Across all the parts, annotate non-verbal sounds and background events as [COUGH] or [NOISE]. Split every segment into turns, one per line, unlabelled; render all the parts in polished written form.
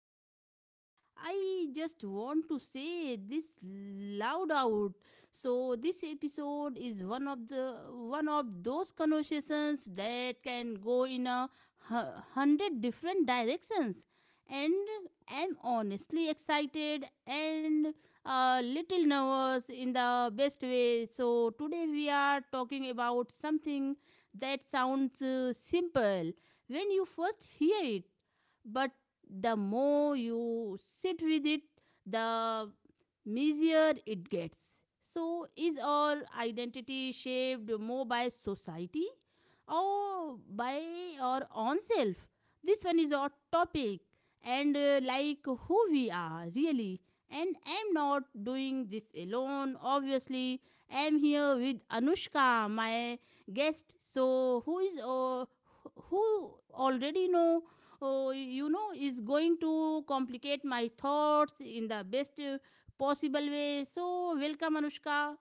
jump in, I just want to say this loud out. So this episode is one of those conversations that can go in a hundred different directions, and I am honestly excited and a little nervous in the best way. So today we are talking about something that sounds simple when you first hear it, but the more you sit with it, the messier it gets. So, is our identity shaped more by society or by our own self? This one is our topic, and like who we are really. And I'm not doing this alone, obviously. I'm here with Anushka, my guest. So, who is who already know, oh, you know, is going to complicate my thoughts in the best possible way. So, welcome, Anushka.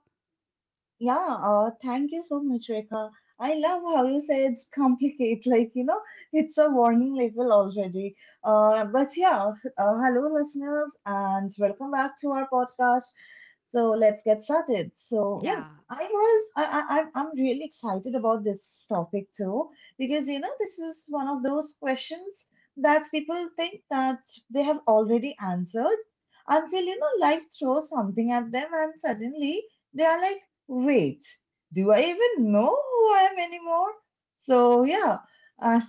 Yeah, Thank you so much, Rekha. I love how you say it's complicated, [LAUGHS] it's a warning label already. Uh, but yeah, Hello, listeners, and welcome back to our podcast. So let's get started. So, yeah,
Yeah.
I was, I, I'm really excited about this topic too, because, you know, this is one of those questions that people think that they have already answered until, you know, life throws something at them and suddenly they are like, wait, do I even know who I am anymore? So, yeah. Uh,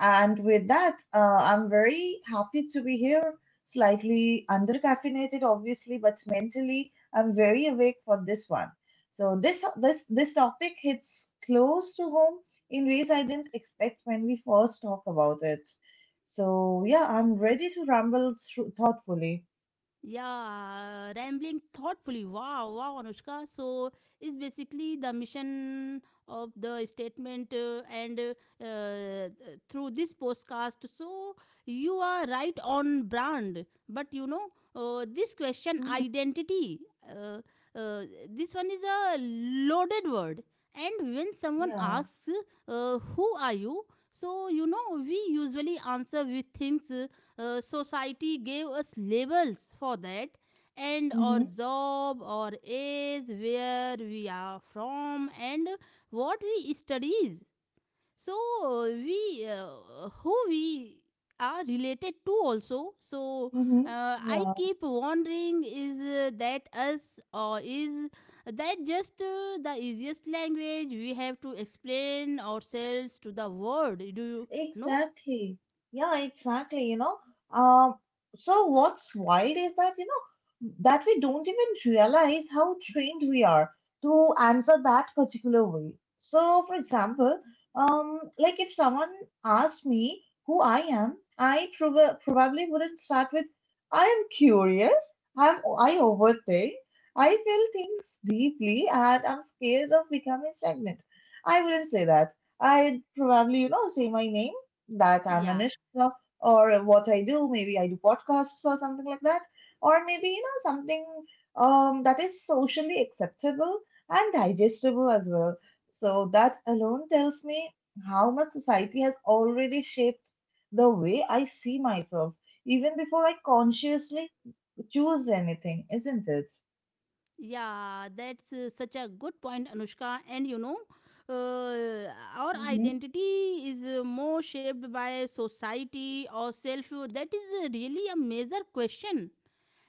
and with that, I'm very happy to be here. Slightly under caffeinated, obviously, but mentally, I'm very awake for this one. This topic hits close to home in ways I didn't expect when we first talked about it. So, yeah, I'm ready to ramble through thoughtfully.
Yeah, rambling thoughtfully. Wow, wow, Anushka. So, is basically the mission of the statement, and through this podcast. So, you are right on brand. But you know, this question,
Mhm.
identity, uh, uh, this one is a loaded word. And when someone
Yeah.
asks, who are you? So, you know, we usually answer with things society gave us labels for, that and our
Mm-hmm.
job, our age, where we are from, and what we studies. So we who we are related to also. So
Mm-hmm.
I
Yeah.
keep wondering, is that us, or is that just the easiest language we have to explain ourselves to the world, do you know?
Exactly. Yeah, exactly. Um, so what's wild is that, you know, that we don't even realize how trained we are to answer that particular way. So, for example, like if someone asked me who I am, I probably wouldn't start with, I am curious, I'm, I overthink, I feel things deeply, and I'm scared of becoming stagnant. I wouldn't say that. I'd probably, you know, say my name, that I'm
Yeah.
Anushka, or what I do. Maybe I do podcasts or something like that. Or maybe, you know, something that is socially acceptable and digestible as well. So that alone tells me how much society has already shaped the way I see myself, even before I consciously choose anything, isn't it?
Yeah, that's such a good point, Anushka. And you know, uh, our
Hmm.
identity is more shaped by society or self. That is really a major question.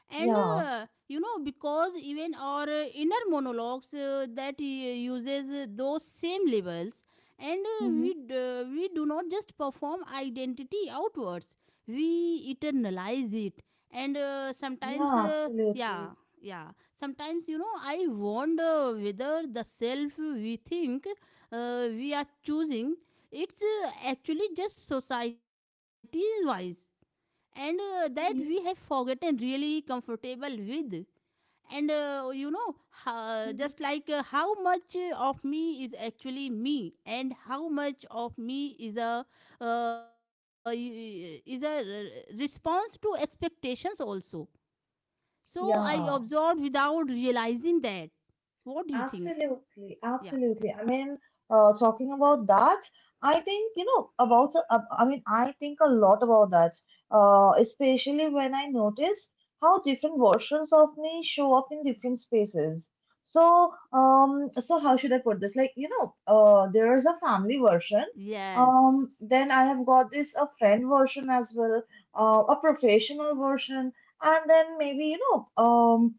And
Yeah.
you know, because even our inner monologues that uses those same labels. And
Hmm.
we do not just perform identity outwards, we internalize it. And sometimes
Yeah,
yeah,
absolutely.
yeah, sometimes, you know, I wonder whether the self we think we are choosing, it's actually just society's wise, and that we have
Hmm.
forgotten, really comfortable with, and you know, just
Hmm.
like, how much of me is actually me, and how much of me is a uh, y- is a response to expectations also. So I
Yeah.
absorbed without realizing that. What do you think?
Absolutely,
Yeah.
absolutely. I mean, talking about that, I think, you know, I mean, I think a lot about that, especially when I notice how different versions of me show up in different spaces. So, so how should I put this? Like, you know, there is a family version.
Yes.
Then I have got this a friend version as well, a professional version, and then maybe, you know,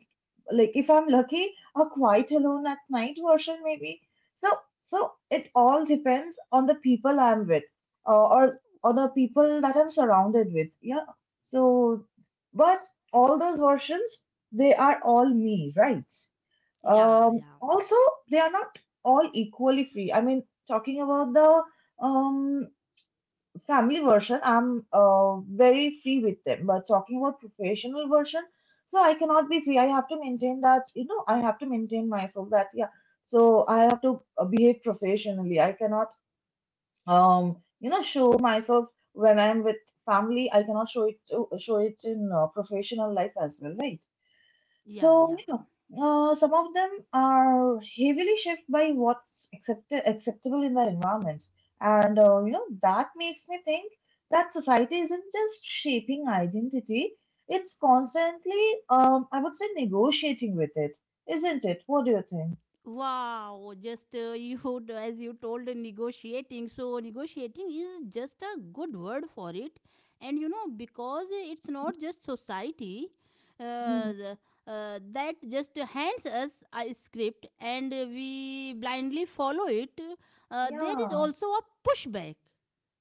like if I'm lucky, a quiet alone at night version maybe. So so it all depends on the people I'm with, or the people that I'm surrounded with. Yeah. So, but all those versions they are all me, right?
Yeah, yeah,
Also, they are not all equally free. I mean, talking about the um family version, I'm very free with them. But talking about professional version, so I cannot be free. I have to maintain that, you know, I have to maintain myself that, yeah. So I have to behave professionally. I cannot, you know, show myself when I'm with family. I cannot show it to show it in professional life as well, right?
yeah,
So
yeah.
yeah, uh, some of them are heavily shaped by what's accepted acceptable in their environment, and you know that makes me think that society isn't just shaping identity; it's constantly, I would say, negotiating with it, isn't it? What do you think?
Wow, just [LAUGHS] you, would, as you told, negotiating. So, negotiating is just a good word for it. And you know, because it's not just society uh,
Mhm.
the- that just hands us a script and we blindly follow it. There is
Yeah.
also a pushback.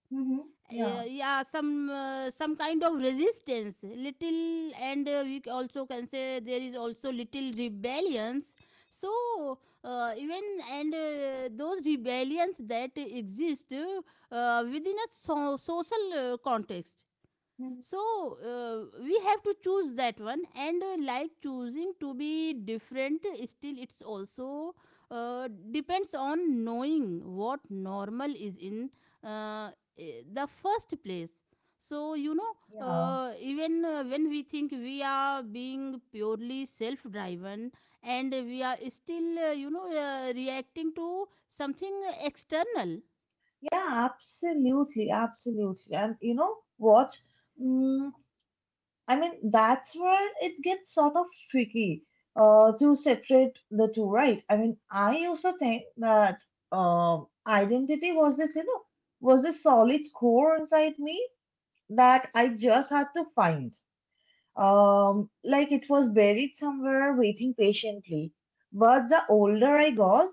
Hmm. Yeah.
Yeah, some kind of resistance, little, and we also can say there is also little rebellions. So even, and those rebellions that exist within a social context.
Mhm.
So we have to choose that one, and like, choosing to be different, still it's also depends on knowing what normal is in uh, the first place. So you know,
Yeah.
even when we think we are being purely self driven, and we are still you know reacting to something external.
Yeah. Absolutely. Absolutely. And you know what? Mm, I mean, that's where it gets sort of tricky to separate the two, right? I mean, I used to think that identity was this, you know, was this solid core inside me that I just had to find, like it was buried somewhere waiting patiently. But the older I got,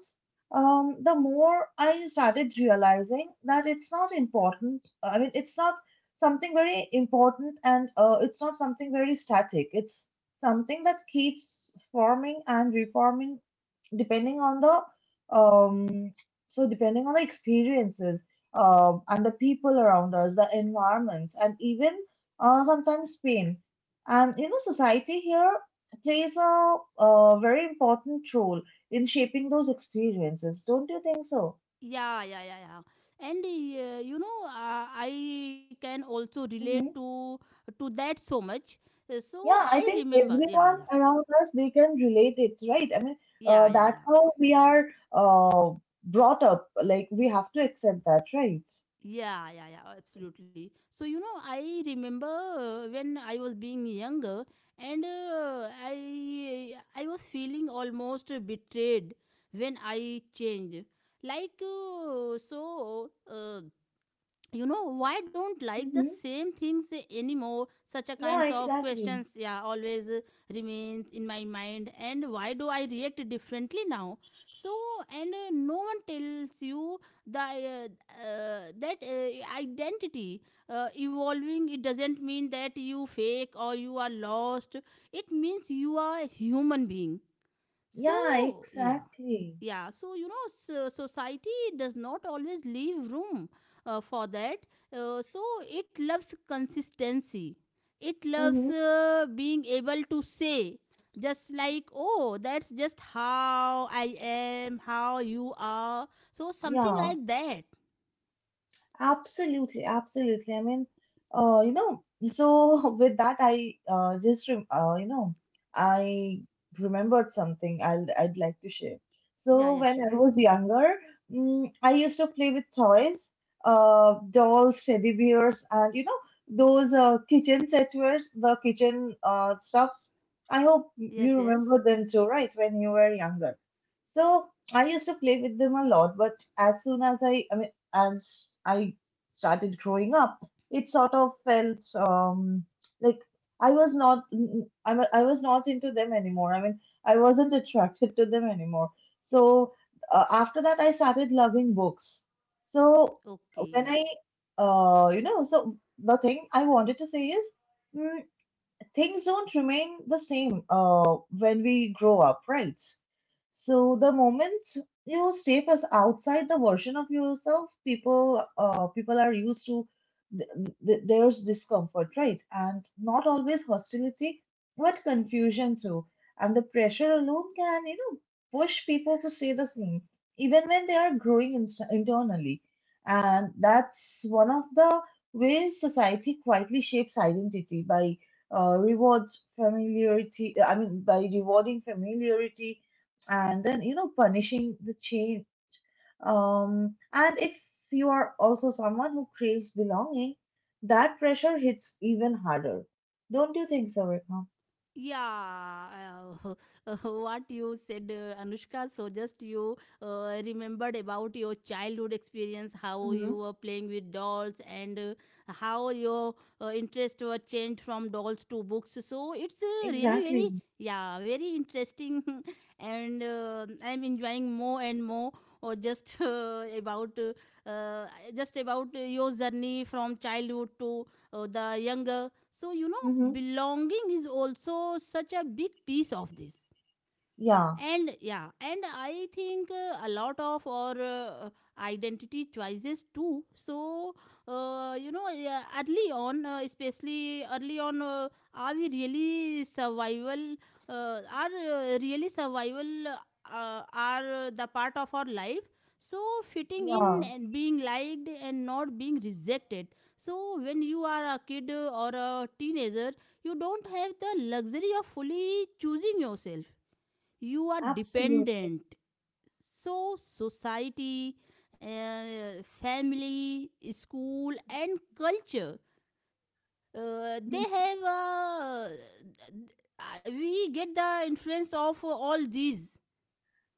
the more I started realizing that it's not important. I mean, it's not something very important, and it's not something very static. It's something that keeps forming and reforming depending on the um depending on the experiences, and the people around us, the environments, and even sometimes pain. And you know society here plays a very important role in shaping those experiences, don't you think so?
Yeah, yeah, yeah, yeah. And you know, I can also relate
Hmm.
to that so much. So
Yeah,
I
I think
remember. Yeah,
everyone
yeah,
around us they can relate it, right? I mean,
yeah, yeah,
that's
yeah.
how we are uh, brought up. Like, we have to accept that, right?
Yeah, yeah, yeah, absolutely. So, you know, I remember when I was being younger, and I was feeling almost betrayed when I changed. Like, so you know why don't like the
Mm-hmm.
same things anymore, such a
Yeah,
kinds of
exactly.
questions, yeah, always remains in my mind, and why do I react differently now. So, and no one tells you the that identity evolving, it doesn't mean that you fake or you are lost. It means you are a human being.
Yeah,
So yeah.
exactly.
Yeah, so you know, so society does not always leave room for that. So it loves consistency. It loves
Mm-hmm.
being able to say, just like, oh, that's just how I am, how you are, so something
Yeah.
like that.
Absolutely, absolutely. I mean, you know, so [LAUGHS] with that, I just rem you know, I remembered something I'd like to share.
Yeah,
So
yeah,
when
sure.
I was younger, I used to play with toys, dolls, teddy bears, and you know those kitchen setwares, the kitchen stuffs. I hope
Yes,
you
yes.
remember them too, right? When you were younger. So I used to play with them a lot, but as soon as I mean, as I started growing up, it sort of felt like I was not I was not into them anymore. I mean, I wasn't attracted to them anymore. So after that, I started loving books. So when
Okay.
I you know, so the thing I wanted to say is, mm, things don't remain the same when we grow up, right? So the moment you step as outside the version of yourself, people are used to th- there's discomfort, right? And not always hostility, but confusion too. And the pressure alone can, you know, push people to stay the same, even when they are growing ins internally. And that's one of the ways society quietly shapes identity by rewards familiarity I mean by rewarding familiarity and then you know punishing the change. And if you are also someone who craves belonging, that pressure hits even harder, don't you think so, Rekha?
Yeah, uh, [LAUGHS] what you said, Anushka. So just you remembered about your childhood experience, how
Hmm.
you were playing with dolls, and how your interest were changed from dolls to books. So it's really
Exactly.
very, yeah, very interesting, [LAUGHS] and I'm enjoying more and more. Or just [LAUGHS] about just about your journey from childhood to the younger. So, you
Hmm.
know, belonging is also such a big piece of this,
Yeah,
and yeah, and I think a lot of our identity choices too. So you know, yeah, early on, especially early on, are we really survival are really survival are the part of our life. So fitting in,
yeah,
and being liked, and not being rejected. So when you are a kid or a teenager, you don't have the luxury of fully choosing yourself. You are
absolutely.
dependent. So society, family, school, and culture, they have we get the influence of all these.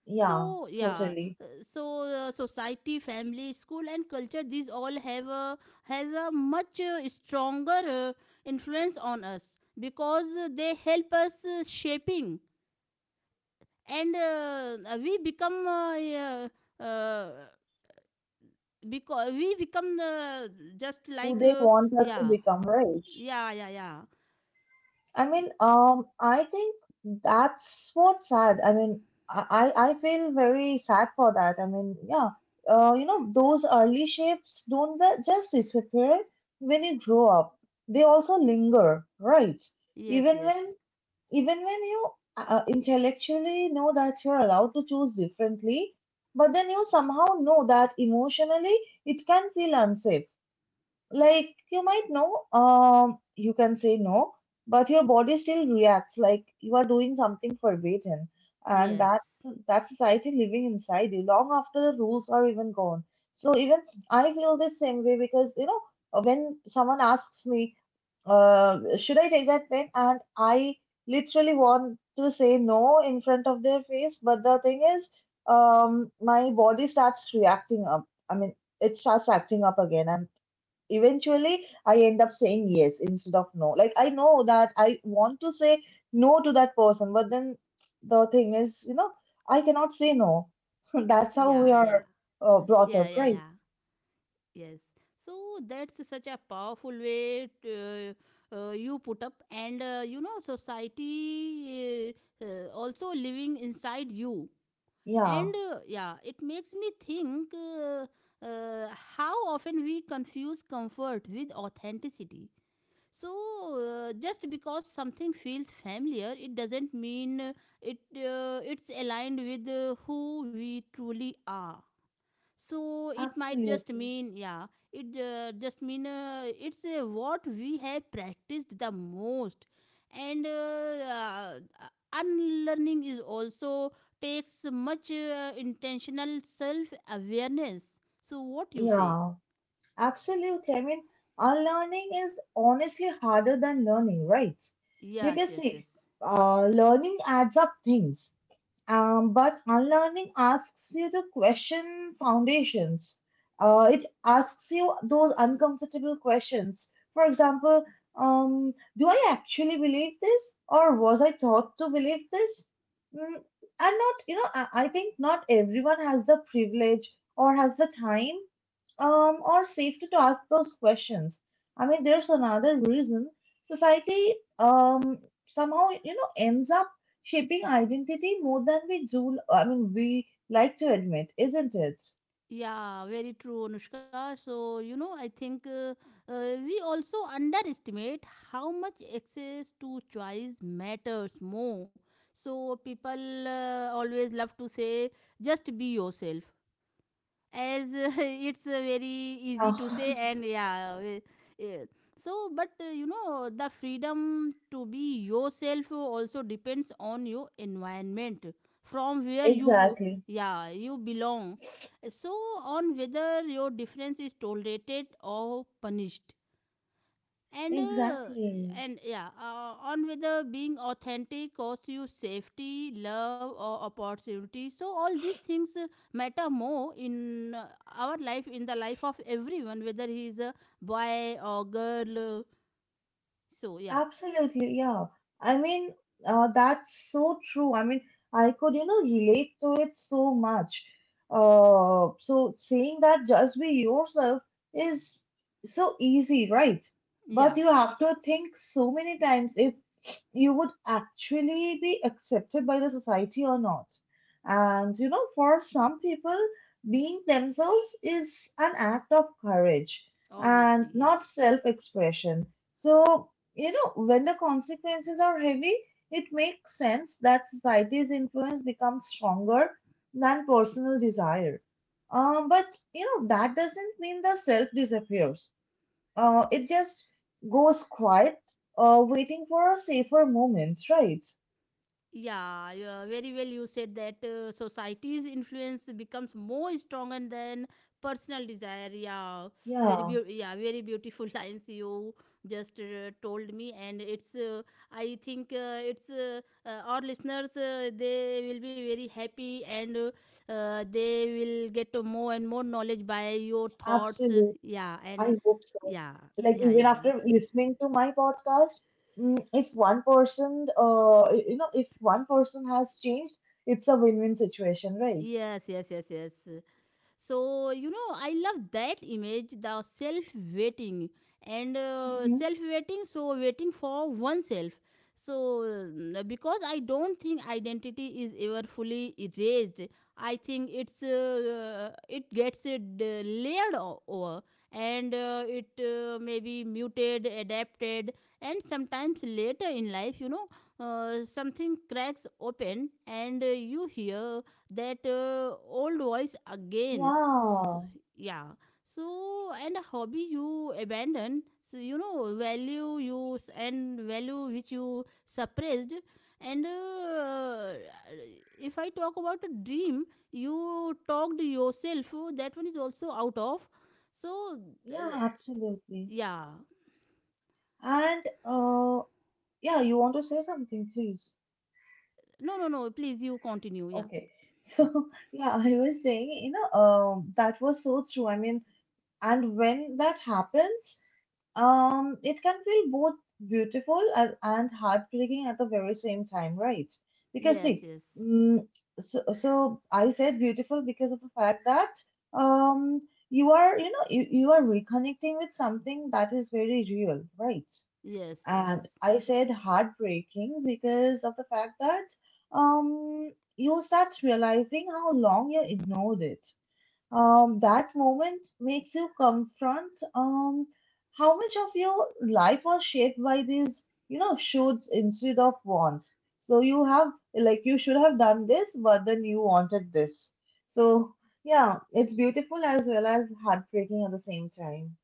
Yeah.
So yeah,
Totally.
uh, so society, family, school, and culture, these all have a, has a much stronger influence on us, because they help us shaping, and we become, yeah, uh, because we become just
Who
like
they want us to
yeah,
become, right?
yeah, yeah, yeah.
I
Y-
mean, I think that's what's sad. I mean, I feel very sad for that. I mean, yeah, you know, those early shapes don't just disappear when you grow up. They also linger, right?
yes,
Even
yes,
when even when you intellectually know that you're allowed to choose differently, but then you somehow know that emotionally it can feel unsafe. Like you might know, you can say no, but your body still reacts like you are doing something forbidden. And
yes,
that that society living inside you long after the rules are even gone. So even I feel the same way, because you know, when someone asks me, should I take that plane, and I literally want to say no in front of their face, but the thing is, my body starts reacting up. I mean, it starts acting up again, and eventually I end up saying yes instead of no. Like, I know that I want to say no to that person, but then the thing is, you know, I cannot say no. [LAUGHS] That's how we
yeah, yeah,
are brought
yeah,
up,
yeah,
right?
yeah. Yes, so that's such a powerful way to, you put up, and you know, society also living inside you.
Yeah,
And yeah, it makes me think, uh, how often we confuse comfort with authenticity. So, just because something feels familiar, it doesn't mean it it's aligned with who we truly are. So it might just
absolutely.
mean, yeah, it just mean it's what we have practiced the most. And unlearning is also takes much intentional self awareness. So what you say?
Yeah, absolutely. I mean, unlearning is honestly harder than learning, right?
Yes,
Because
yes,
see,
yes.
learning adds up things. But unlearning asks you to question foundations. It asks you those uncomfortable questions. For example, do I actually believe this, or was I taught to believe this? Mm, and not, you know, I think not everyone has the privilege or has the time or safety to ask those questions. I mean, there's another reason society, somehow you know, ends up shaping identity more than we do, I mean, we like to admit, isn't it?
Yeah, very true, Anushka. So, you know, I think we also underestimate how much access to choice matters more. So, people always love to say, just be yourself, as [LAUGHS] it's very easy
Oh,
to say,
[LAUGHS]
and yeah. So, but you know, the freedom to be yourself also depends on your environment, from where you,
Exactly,
yeah, you belong. So, on whether your difference is tolerated or punished, and uh,
exactly,
and yeah, on whether being authentic costs you safety, love, or opportunity. So all these things matter more in our life, in the life of everyone, whether he is a boy or girl. So yeah,
absolutely, yeah. I mean, that's so true. I mean, I could, you know, relate to it so much. So saying that just be yourself is so easy, right?
yeah,
But you have to think so many times if you would actually be accepted by the society or not. And you know, for some people, being themselves is an act of courage and
obviously, yeah.
not self expression. So, you know, when the consequences are heavy, it makes sense that society's influence becomes stronger than personal desire. But you know, that doesn't mean the self disappears. It just goes quiet, waiting for a safer moment, right?
Yeah, yeah, very well you said that society's influence becomes more stronger than personal desire. Yeah, very
Yeah,
beau. Yeah, very beautiful [LAUGHS] lines you just told me, and it's. I think it's our listeners. They will be very happy, and they will get more and more knowledge by your thoughts.
absolutely.
Yeah,
I
and
hope so.
yeah,
Like,
yeah,
even
yeah.
after listening to my podcast, if one person, you know, if one person has changed, it's a win-win situation, right?
Yes, yes, yes, yes. So you know, I love that image, the self waiting, and
Hmm.
self waiting, so waiting for oneself. So because I don't think identity is ever fully erased. I think it's it gets layered over, and it may be muted, adapted, and sometimes later in life, you know, something cracks open, and you hear that old voice again. So,
Yeah,
yeah. So, and a hobby you abandon, so you know, value you and value which you suppressed. And if I talk about a dream you talked yourself, that one is also out of. So uh,
yeah, absolutely.
yeah.
And yeah, you want to say something, please?
No, no, no, please, you continue. Yeah,
Okay. [LAUGHS]
yeah.
So yeah, I was saying, you know, that was so true. I mean, and when that happens, it can feel both beautiful and heartbreaking at the very same time, right? Because
Yes,
see,
yes,
mm, so, so I said beautiful because of the fact that um, you are, you know, you are reconnecting with something that is very real, right?
yes, yes.
And I said heartbreaking because of the fact that you start realizing how long you ignored it. That moment makes you confront how much of your life was shaped by these, you know, shoulds instead of wants. So you have, you should have done this, but then you wanted this. So, yeah, it's beautiful as well as heartbreaking at the same time.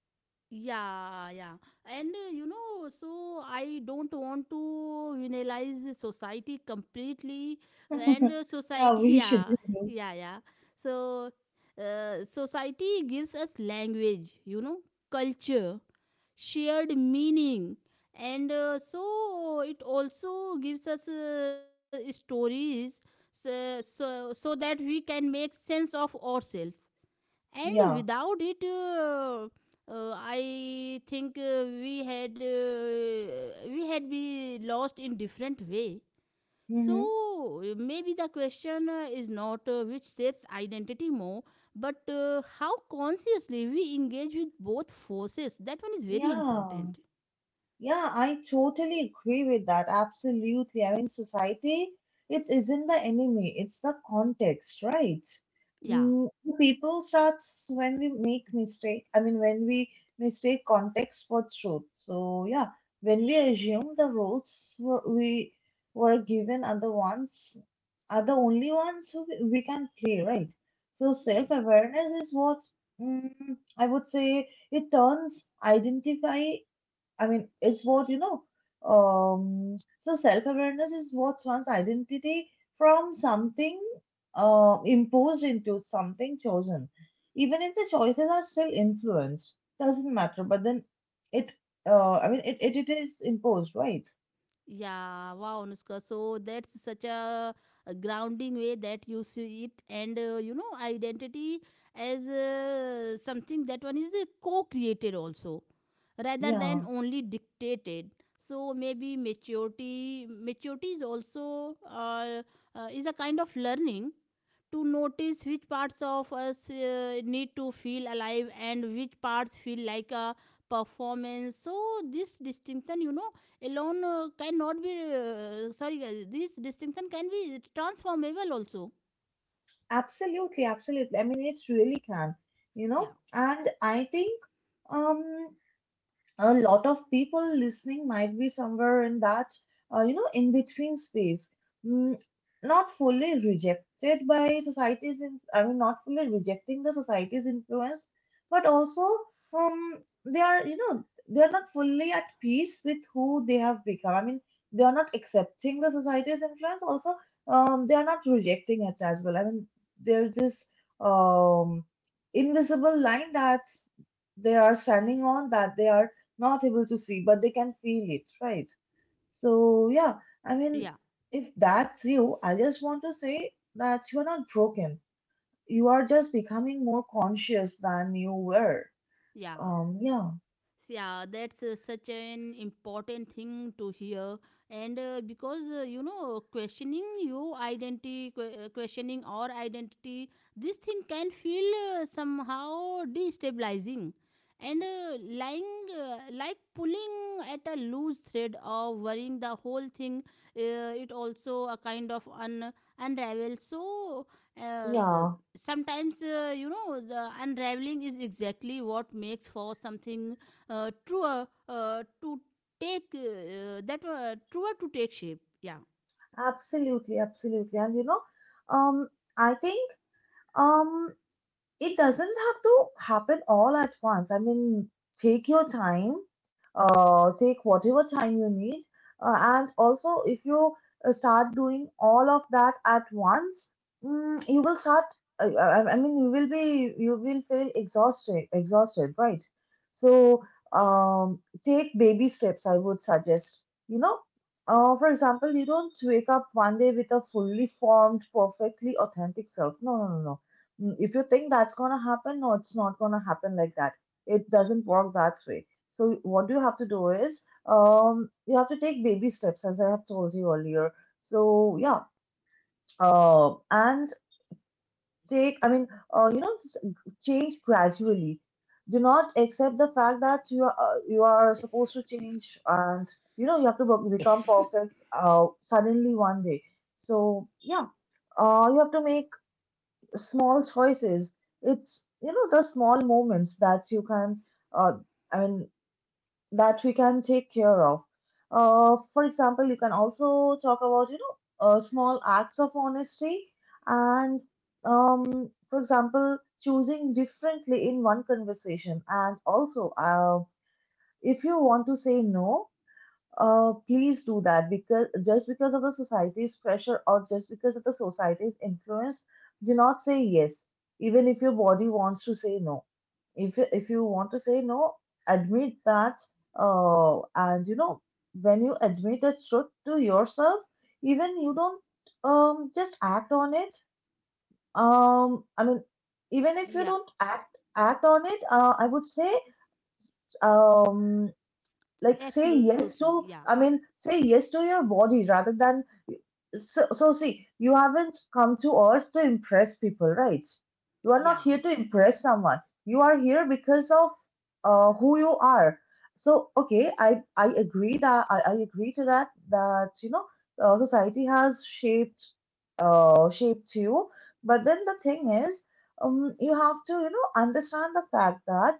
Yeah, yeah. And you know, so I don't want to villainize the society completely. And
[LAUGHS] Yeah,
society, [LAUGHS]
we should
yeah,
do.
yeah, yeah. So, society gives us language, you know, culture, shared meaning. And so it also gives us stories, so that we can make sense of ourselves. And
Yeah.
without it, I think, we had be lost in different way. So
hmm
maybe the question is not which shapes identity more, but how consciously we engage with both forces. That one is very
Yeah.
important.
Yeah, I totally agree with that. Absolutely. I mean, society, it isn't the enemy, it's the context, right?
Yeah.
Mm, people starts when we make mistake. I mean, when we mistake context for truth. So yeah, when we assume the roles were, we were given are the ones are the only ones who we can play, right? So
Yes.
self-awareness is what mm, I would say it turns identify I mean, it's what you know. So self-awareness is what one's identity from something imposed into something chosen. Even if the choices are still influenced, doesn't matter. But then it, it is imposed, right?
Yeah, wow, Anushka. So that's such a grounding way that you see it, and you know, identity as something that one is co-created also, rather than
Yeah,
only dictated. So maybe maturity is also is a kind of learning to notice which parts of us need to feel alive and which parts feel like a performance, so this distinction, alone cannot be sorry guys, this distinction can be transformable also.
absolutely, absolutely. I mean, it really can, you know.
Yeah,
And I think, um, a lot of people listening might be somewhere in that you know in between space mm, not fully rejected by society's in, I mean not fully rejecting the society's influence but also um they are you know they are not fully at peace with who they have become I mean they are not accepting the society's influence also they are not rejecting it as well I mean there's this um invisible line that they are standing on that they are not able to see, but they can feel it, right? So, yeah, I mean,
yeah,
if that's you, I just want to say that you are not broken. You are just becoming more conscious than you were.
yeah,
Yeah,
yeah, that's such an important thing to hear, and because questioning your identity, questioning our identity, this thing can feel somehow destabilizing, and lying like pulling at a loose thread or worrying the whole thing. It also a kind of unravel, so uh, the-
yeah,
sometimes, the unraveling is exactly what makes for something truer, to take that truer to take shape. Yeah,
absolutely, absolutely. And you know, um, I think um it doesn't have to happen all at once. I mean, take your time, take whatever time you need. And also, if you start doing all of that at once, mm, you will start. I mean, you will be you will feel exhausted, exhausted, right? So, take baby steps. I would suggest. You know, for example, you don't wake up one day with a fully formed, perfectly authentic self. No, no, no, no. Mm, if you think that's gonna happen, no, it's not gonna happen like that. It doesn't work that way. So what you have to do is, you have to take baby steps, as I have told you earlier. So yeah, and take, I mean, you know, change gradually. Do not accept the fact that you are supposed to change, and you know you have to be- become perfect suddenly one day. So yeah, you have to make small choices. It's you know the small moments that you can, uh, I mean that we can take care of. For example, you can also talk about you know small acts of honesty and for example choosing differently in one conversation and also if you want to say no please do that because just because of the society's pressure or just because of the society's influence, do not say yes, even if your body wants to say no. If you want to say no, admit that. And you know when you admit a truth to yourself, even you don't just act on it. I mean, even if you
yeah,
don't act on it, I would say um like say
absolutely.
yes to
Yeah,
I mean say yes to your body rather than so, so see, you haven't come to earth to impress people, right? You are not here
yeah,
to impress someone. You are here because of who you are. So okay, I agree that I agree to that that you know society has shaped shaped you. But then the thing is, you have to you know understand the fact that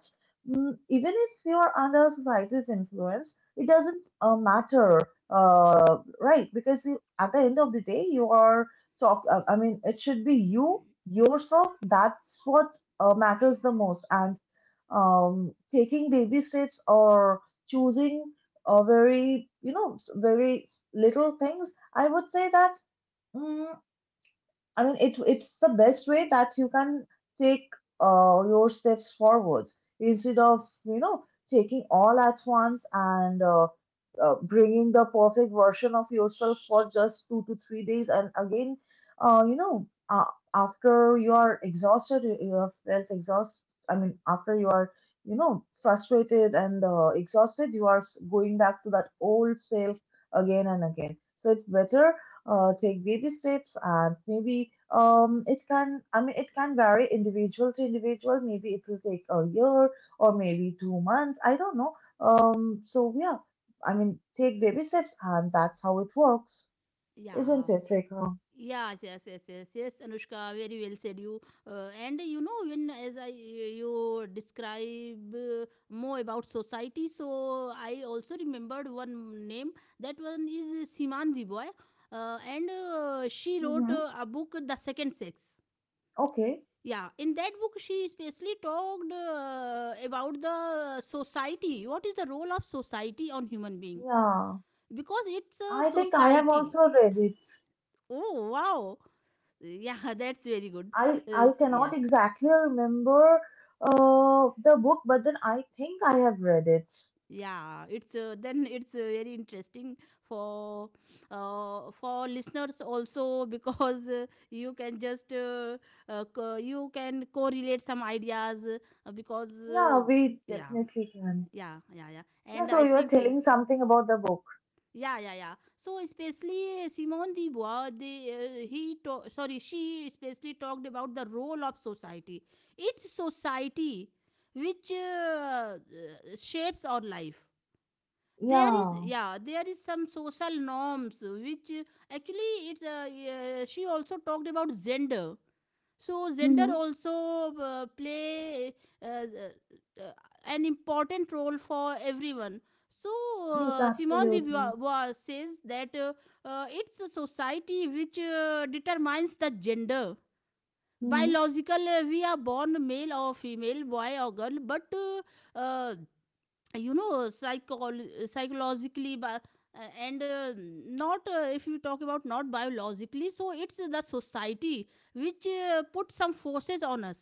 mm even if you are under society's influence, it doesn't matter, right? Because at the end of the day, you are talk. I mean, it should be you yourself. That's what matters the most. And taking baby steps or choosing a very, you know, very little things. I would say that. Mm, I mean, it's the best way that you can take your steps forward instead of you know taking all at once and bringing the perfect version of yourself for just 2 to 3 days, and again, you know, after you are exhausted, you have felt exhaust. I mean, after you are you know frustrated and exhausted, you are s- going back to that old self again and again. So it's better take baby steps and maybe it can I mean it can vary individual to individual maybe it will take a year or maybe 2 months I don't know so yeah I mean take baby steps and that's how it works
yeah.
isn't it Rekha?
Yeah. Yes, yes, yes, yes, yes, Anushka, very well said you. And you know, when as I you describe more about society, so I also remembered one name. That one is Siman Diboy, and she wrote
Mm-hmm.
a book, The Second Sex.
Okay.
Yeah, in that book, she especially talked about the society. What is the role of society on human being?
Yeah,
Because it's a
I think I have
society.
also read it.
Oh wow! Yeah, [LAUGHS] that's very good.
i i
Yeah,
cannot exactly remember the book but then I think I have read it.
yeah. It's then it's very interesting for, for listeners also, [LAUGHS] because you can just you can correlate some ideas because
Yeah
uh,
we
yeah,
definitely can.
yeah, yeah, yeah,
Yeah,
and
so
i
you are
think uh,
telling something about the book.
Yeah, yeah, yeah. So especially Simone de Beauvoir, sorry, she especially talked about the role of society. It's society which shapes our life. There is,
Yeah.
yeah, there is some social norms which actually it's yeah, she also talked about gender, so gender
Mm-hmm.
also play uh, uh, uh, an important role for everyone. So
Yes,
Simone de
absolutely.
Beauvoir says that it's a society which determines the gender.
Mm-hmm.
Biological, we are born male or female, boy or girl, but uh, you know, psychologically, and not, if you talk about not biologically, so it's the society which put some forces on us,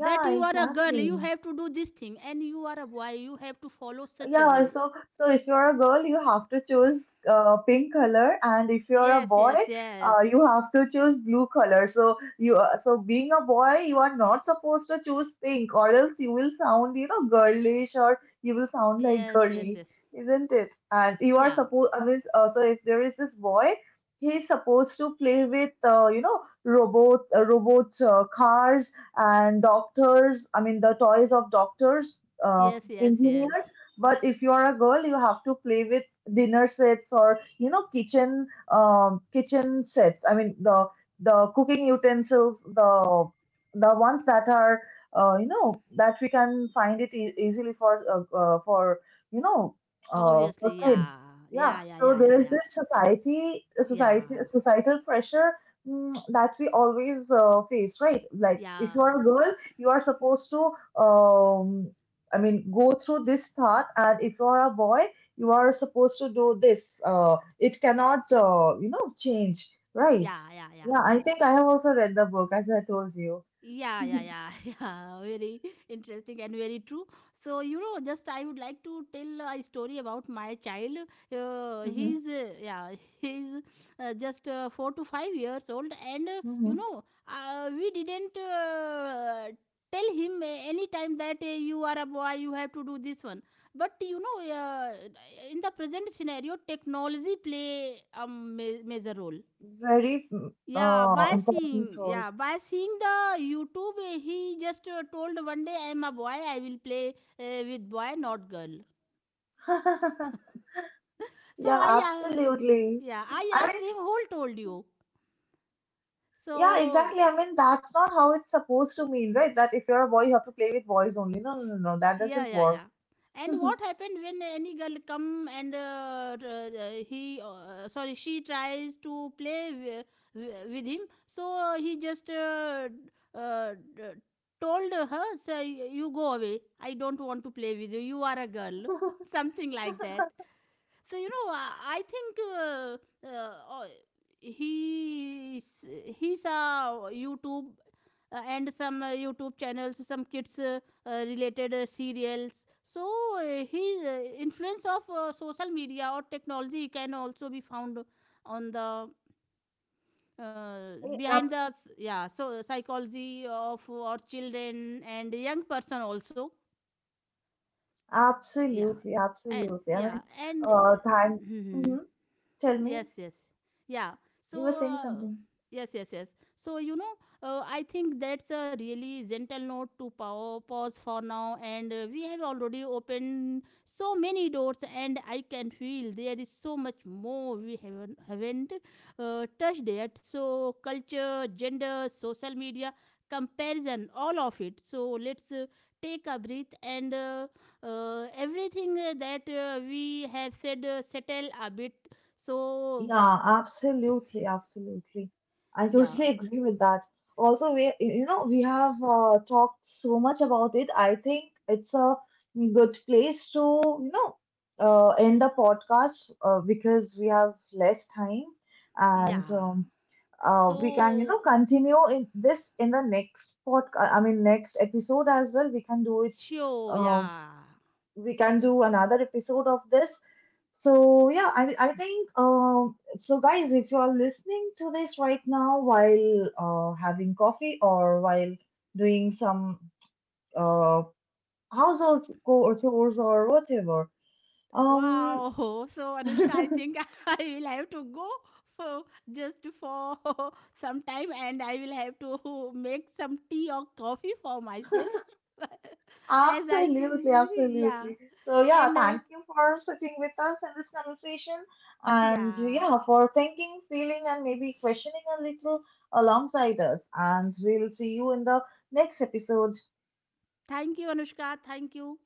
that you are a girl you
exactly.
have to do this thing, and you are a boy you have to follow such a
Yeah,
rule.
so so if you're a girl, you have to choose pink color, and if you're a
Yes,
boy,
yes, yes,
you have to choose blue color. So you so being a boy, you are not supposed to choose pink, or else you will sound you know girlish, or you will sound like
yes, yes,
girly,
yes,
isn't it? And you are
yeah,
supposed. I mean, so if there is this boy, he's supposed to play with you know robot cars and doctors. I mean, the toys of doctors.
yes, yes, yes.
Engineers but if you are a girl, you have to play with dinner sets or you know kitchen kitchen sets. I mean the cooking utensils, the ones that are you know that we can find it e- easily for you know for
Obviously, yeah,
kids. Yeah.
yeah, yeah,
So
yeah,
there
yeah,
is
yeah,
this society
yeah,
societal pressure mm, that we always face, right? Like if you
yeah,
are a girl, you are supposed to um, I mean, go through this path, and if you are a boy, you are supposed to do this. It cannot, you know, change, right?
yeah, yeah, yeah,
Yeah, I think I have also read the book, as I told you.
yeah, yeah, yeah. [LAUGHS] Yeah, very interesting and very true. So you know, just I would like to tell a story about my child.
Mm-hmm.
He's yeah, [LAUGHS] he's just 4 to 5 years old, and uh, you
Mm-hmm.
know uh, we didn't tell him any time that you are a boy you have to do this one, but you know, in the present scenario, technology play a major role.
Very mm,
Yeah, by
important
seeing,
role.
yeah, by seeing the YouTube, eh, he just told one day, "I am a boy. I will play with boy, not girl."
[LAUGHS]
So
Yeah,
I,
absolutely.
yeah, I
I
asked
mean,
him, "Who told you?"
yeah,
So,
exactly. I mean, that's not how it's supposed to mean, right? That if you're a boy, you have to play with boys only. No, no, no, no. That
yeah,
doesn't
yeah, yeah.
work.
And what happened when any girl come and sorry, she tries to play with him. So he just uh, d- told her, "Sir, you go away. I don't want to play with you. You are a girl." [LAUGHS] Something like that. So you know, I think, oh, he's he's a YouTube, and some YouTube channels, some kids related serials. So his influence of social media or technology can also be found on the, behind
[LAUGHS] Eh,
the, yeah, so psychology of our children and young person also. Yeah,
absolutely,
and
absolutely. I
yeah,
mean,
and
thank.
[LAUGHS]
Hmm Tell me,
yes, yes, yeah, so
you were saying something.
yes, yes, yes. So you know, I think that's a really gentle note to pause for now, and we have already opened so many doors, and I can feel there is so much more we haven't touched yet. So culture, gender, social media, comparison, all of it. So let's take a breath, and everything that we have said settle a bit. So
Yeah, absolutely, absolutely. I
yeah,
totally [LAUGHS] agree with that. Also, we, you know, we have talked so much about it. I think it's a good place to, you know, end the podcast because we have less time and
yeah.
we can you know
So
continue in this in the next podcast I mean next episode as well we can do it.
sure,
uh,
yeah.
we can do another episode of this so yeah I think so guys if you are listening to this right now while having coffee or while doing some uh, household co- chores or whatever um.
Wow. [LAUGHS] So Anushka, I think [LAUGHS] I will have to go for, just for, [LAUGHS] some time, and I will have to [LAUGHS] make some tea or coffee for
[LAUGHS]
myself, [LAUGHS] as I
Absolutely,
can. [LAUGHS] Yeah,
absolutely. So, yeah,
and
thank you for sitting with us in this conversation and
yeah.
yeah, for thinking, feeling, and maybe questioning a little alongside us. And we'll see you in the next episode.
Thank you, Anushka. Thank you.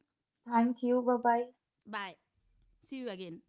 Thank you. Bye bye.
Bye. See you again.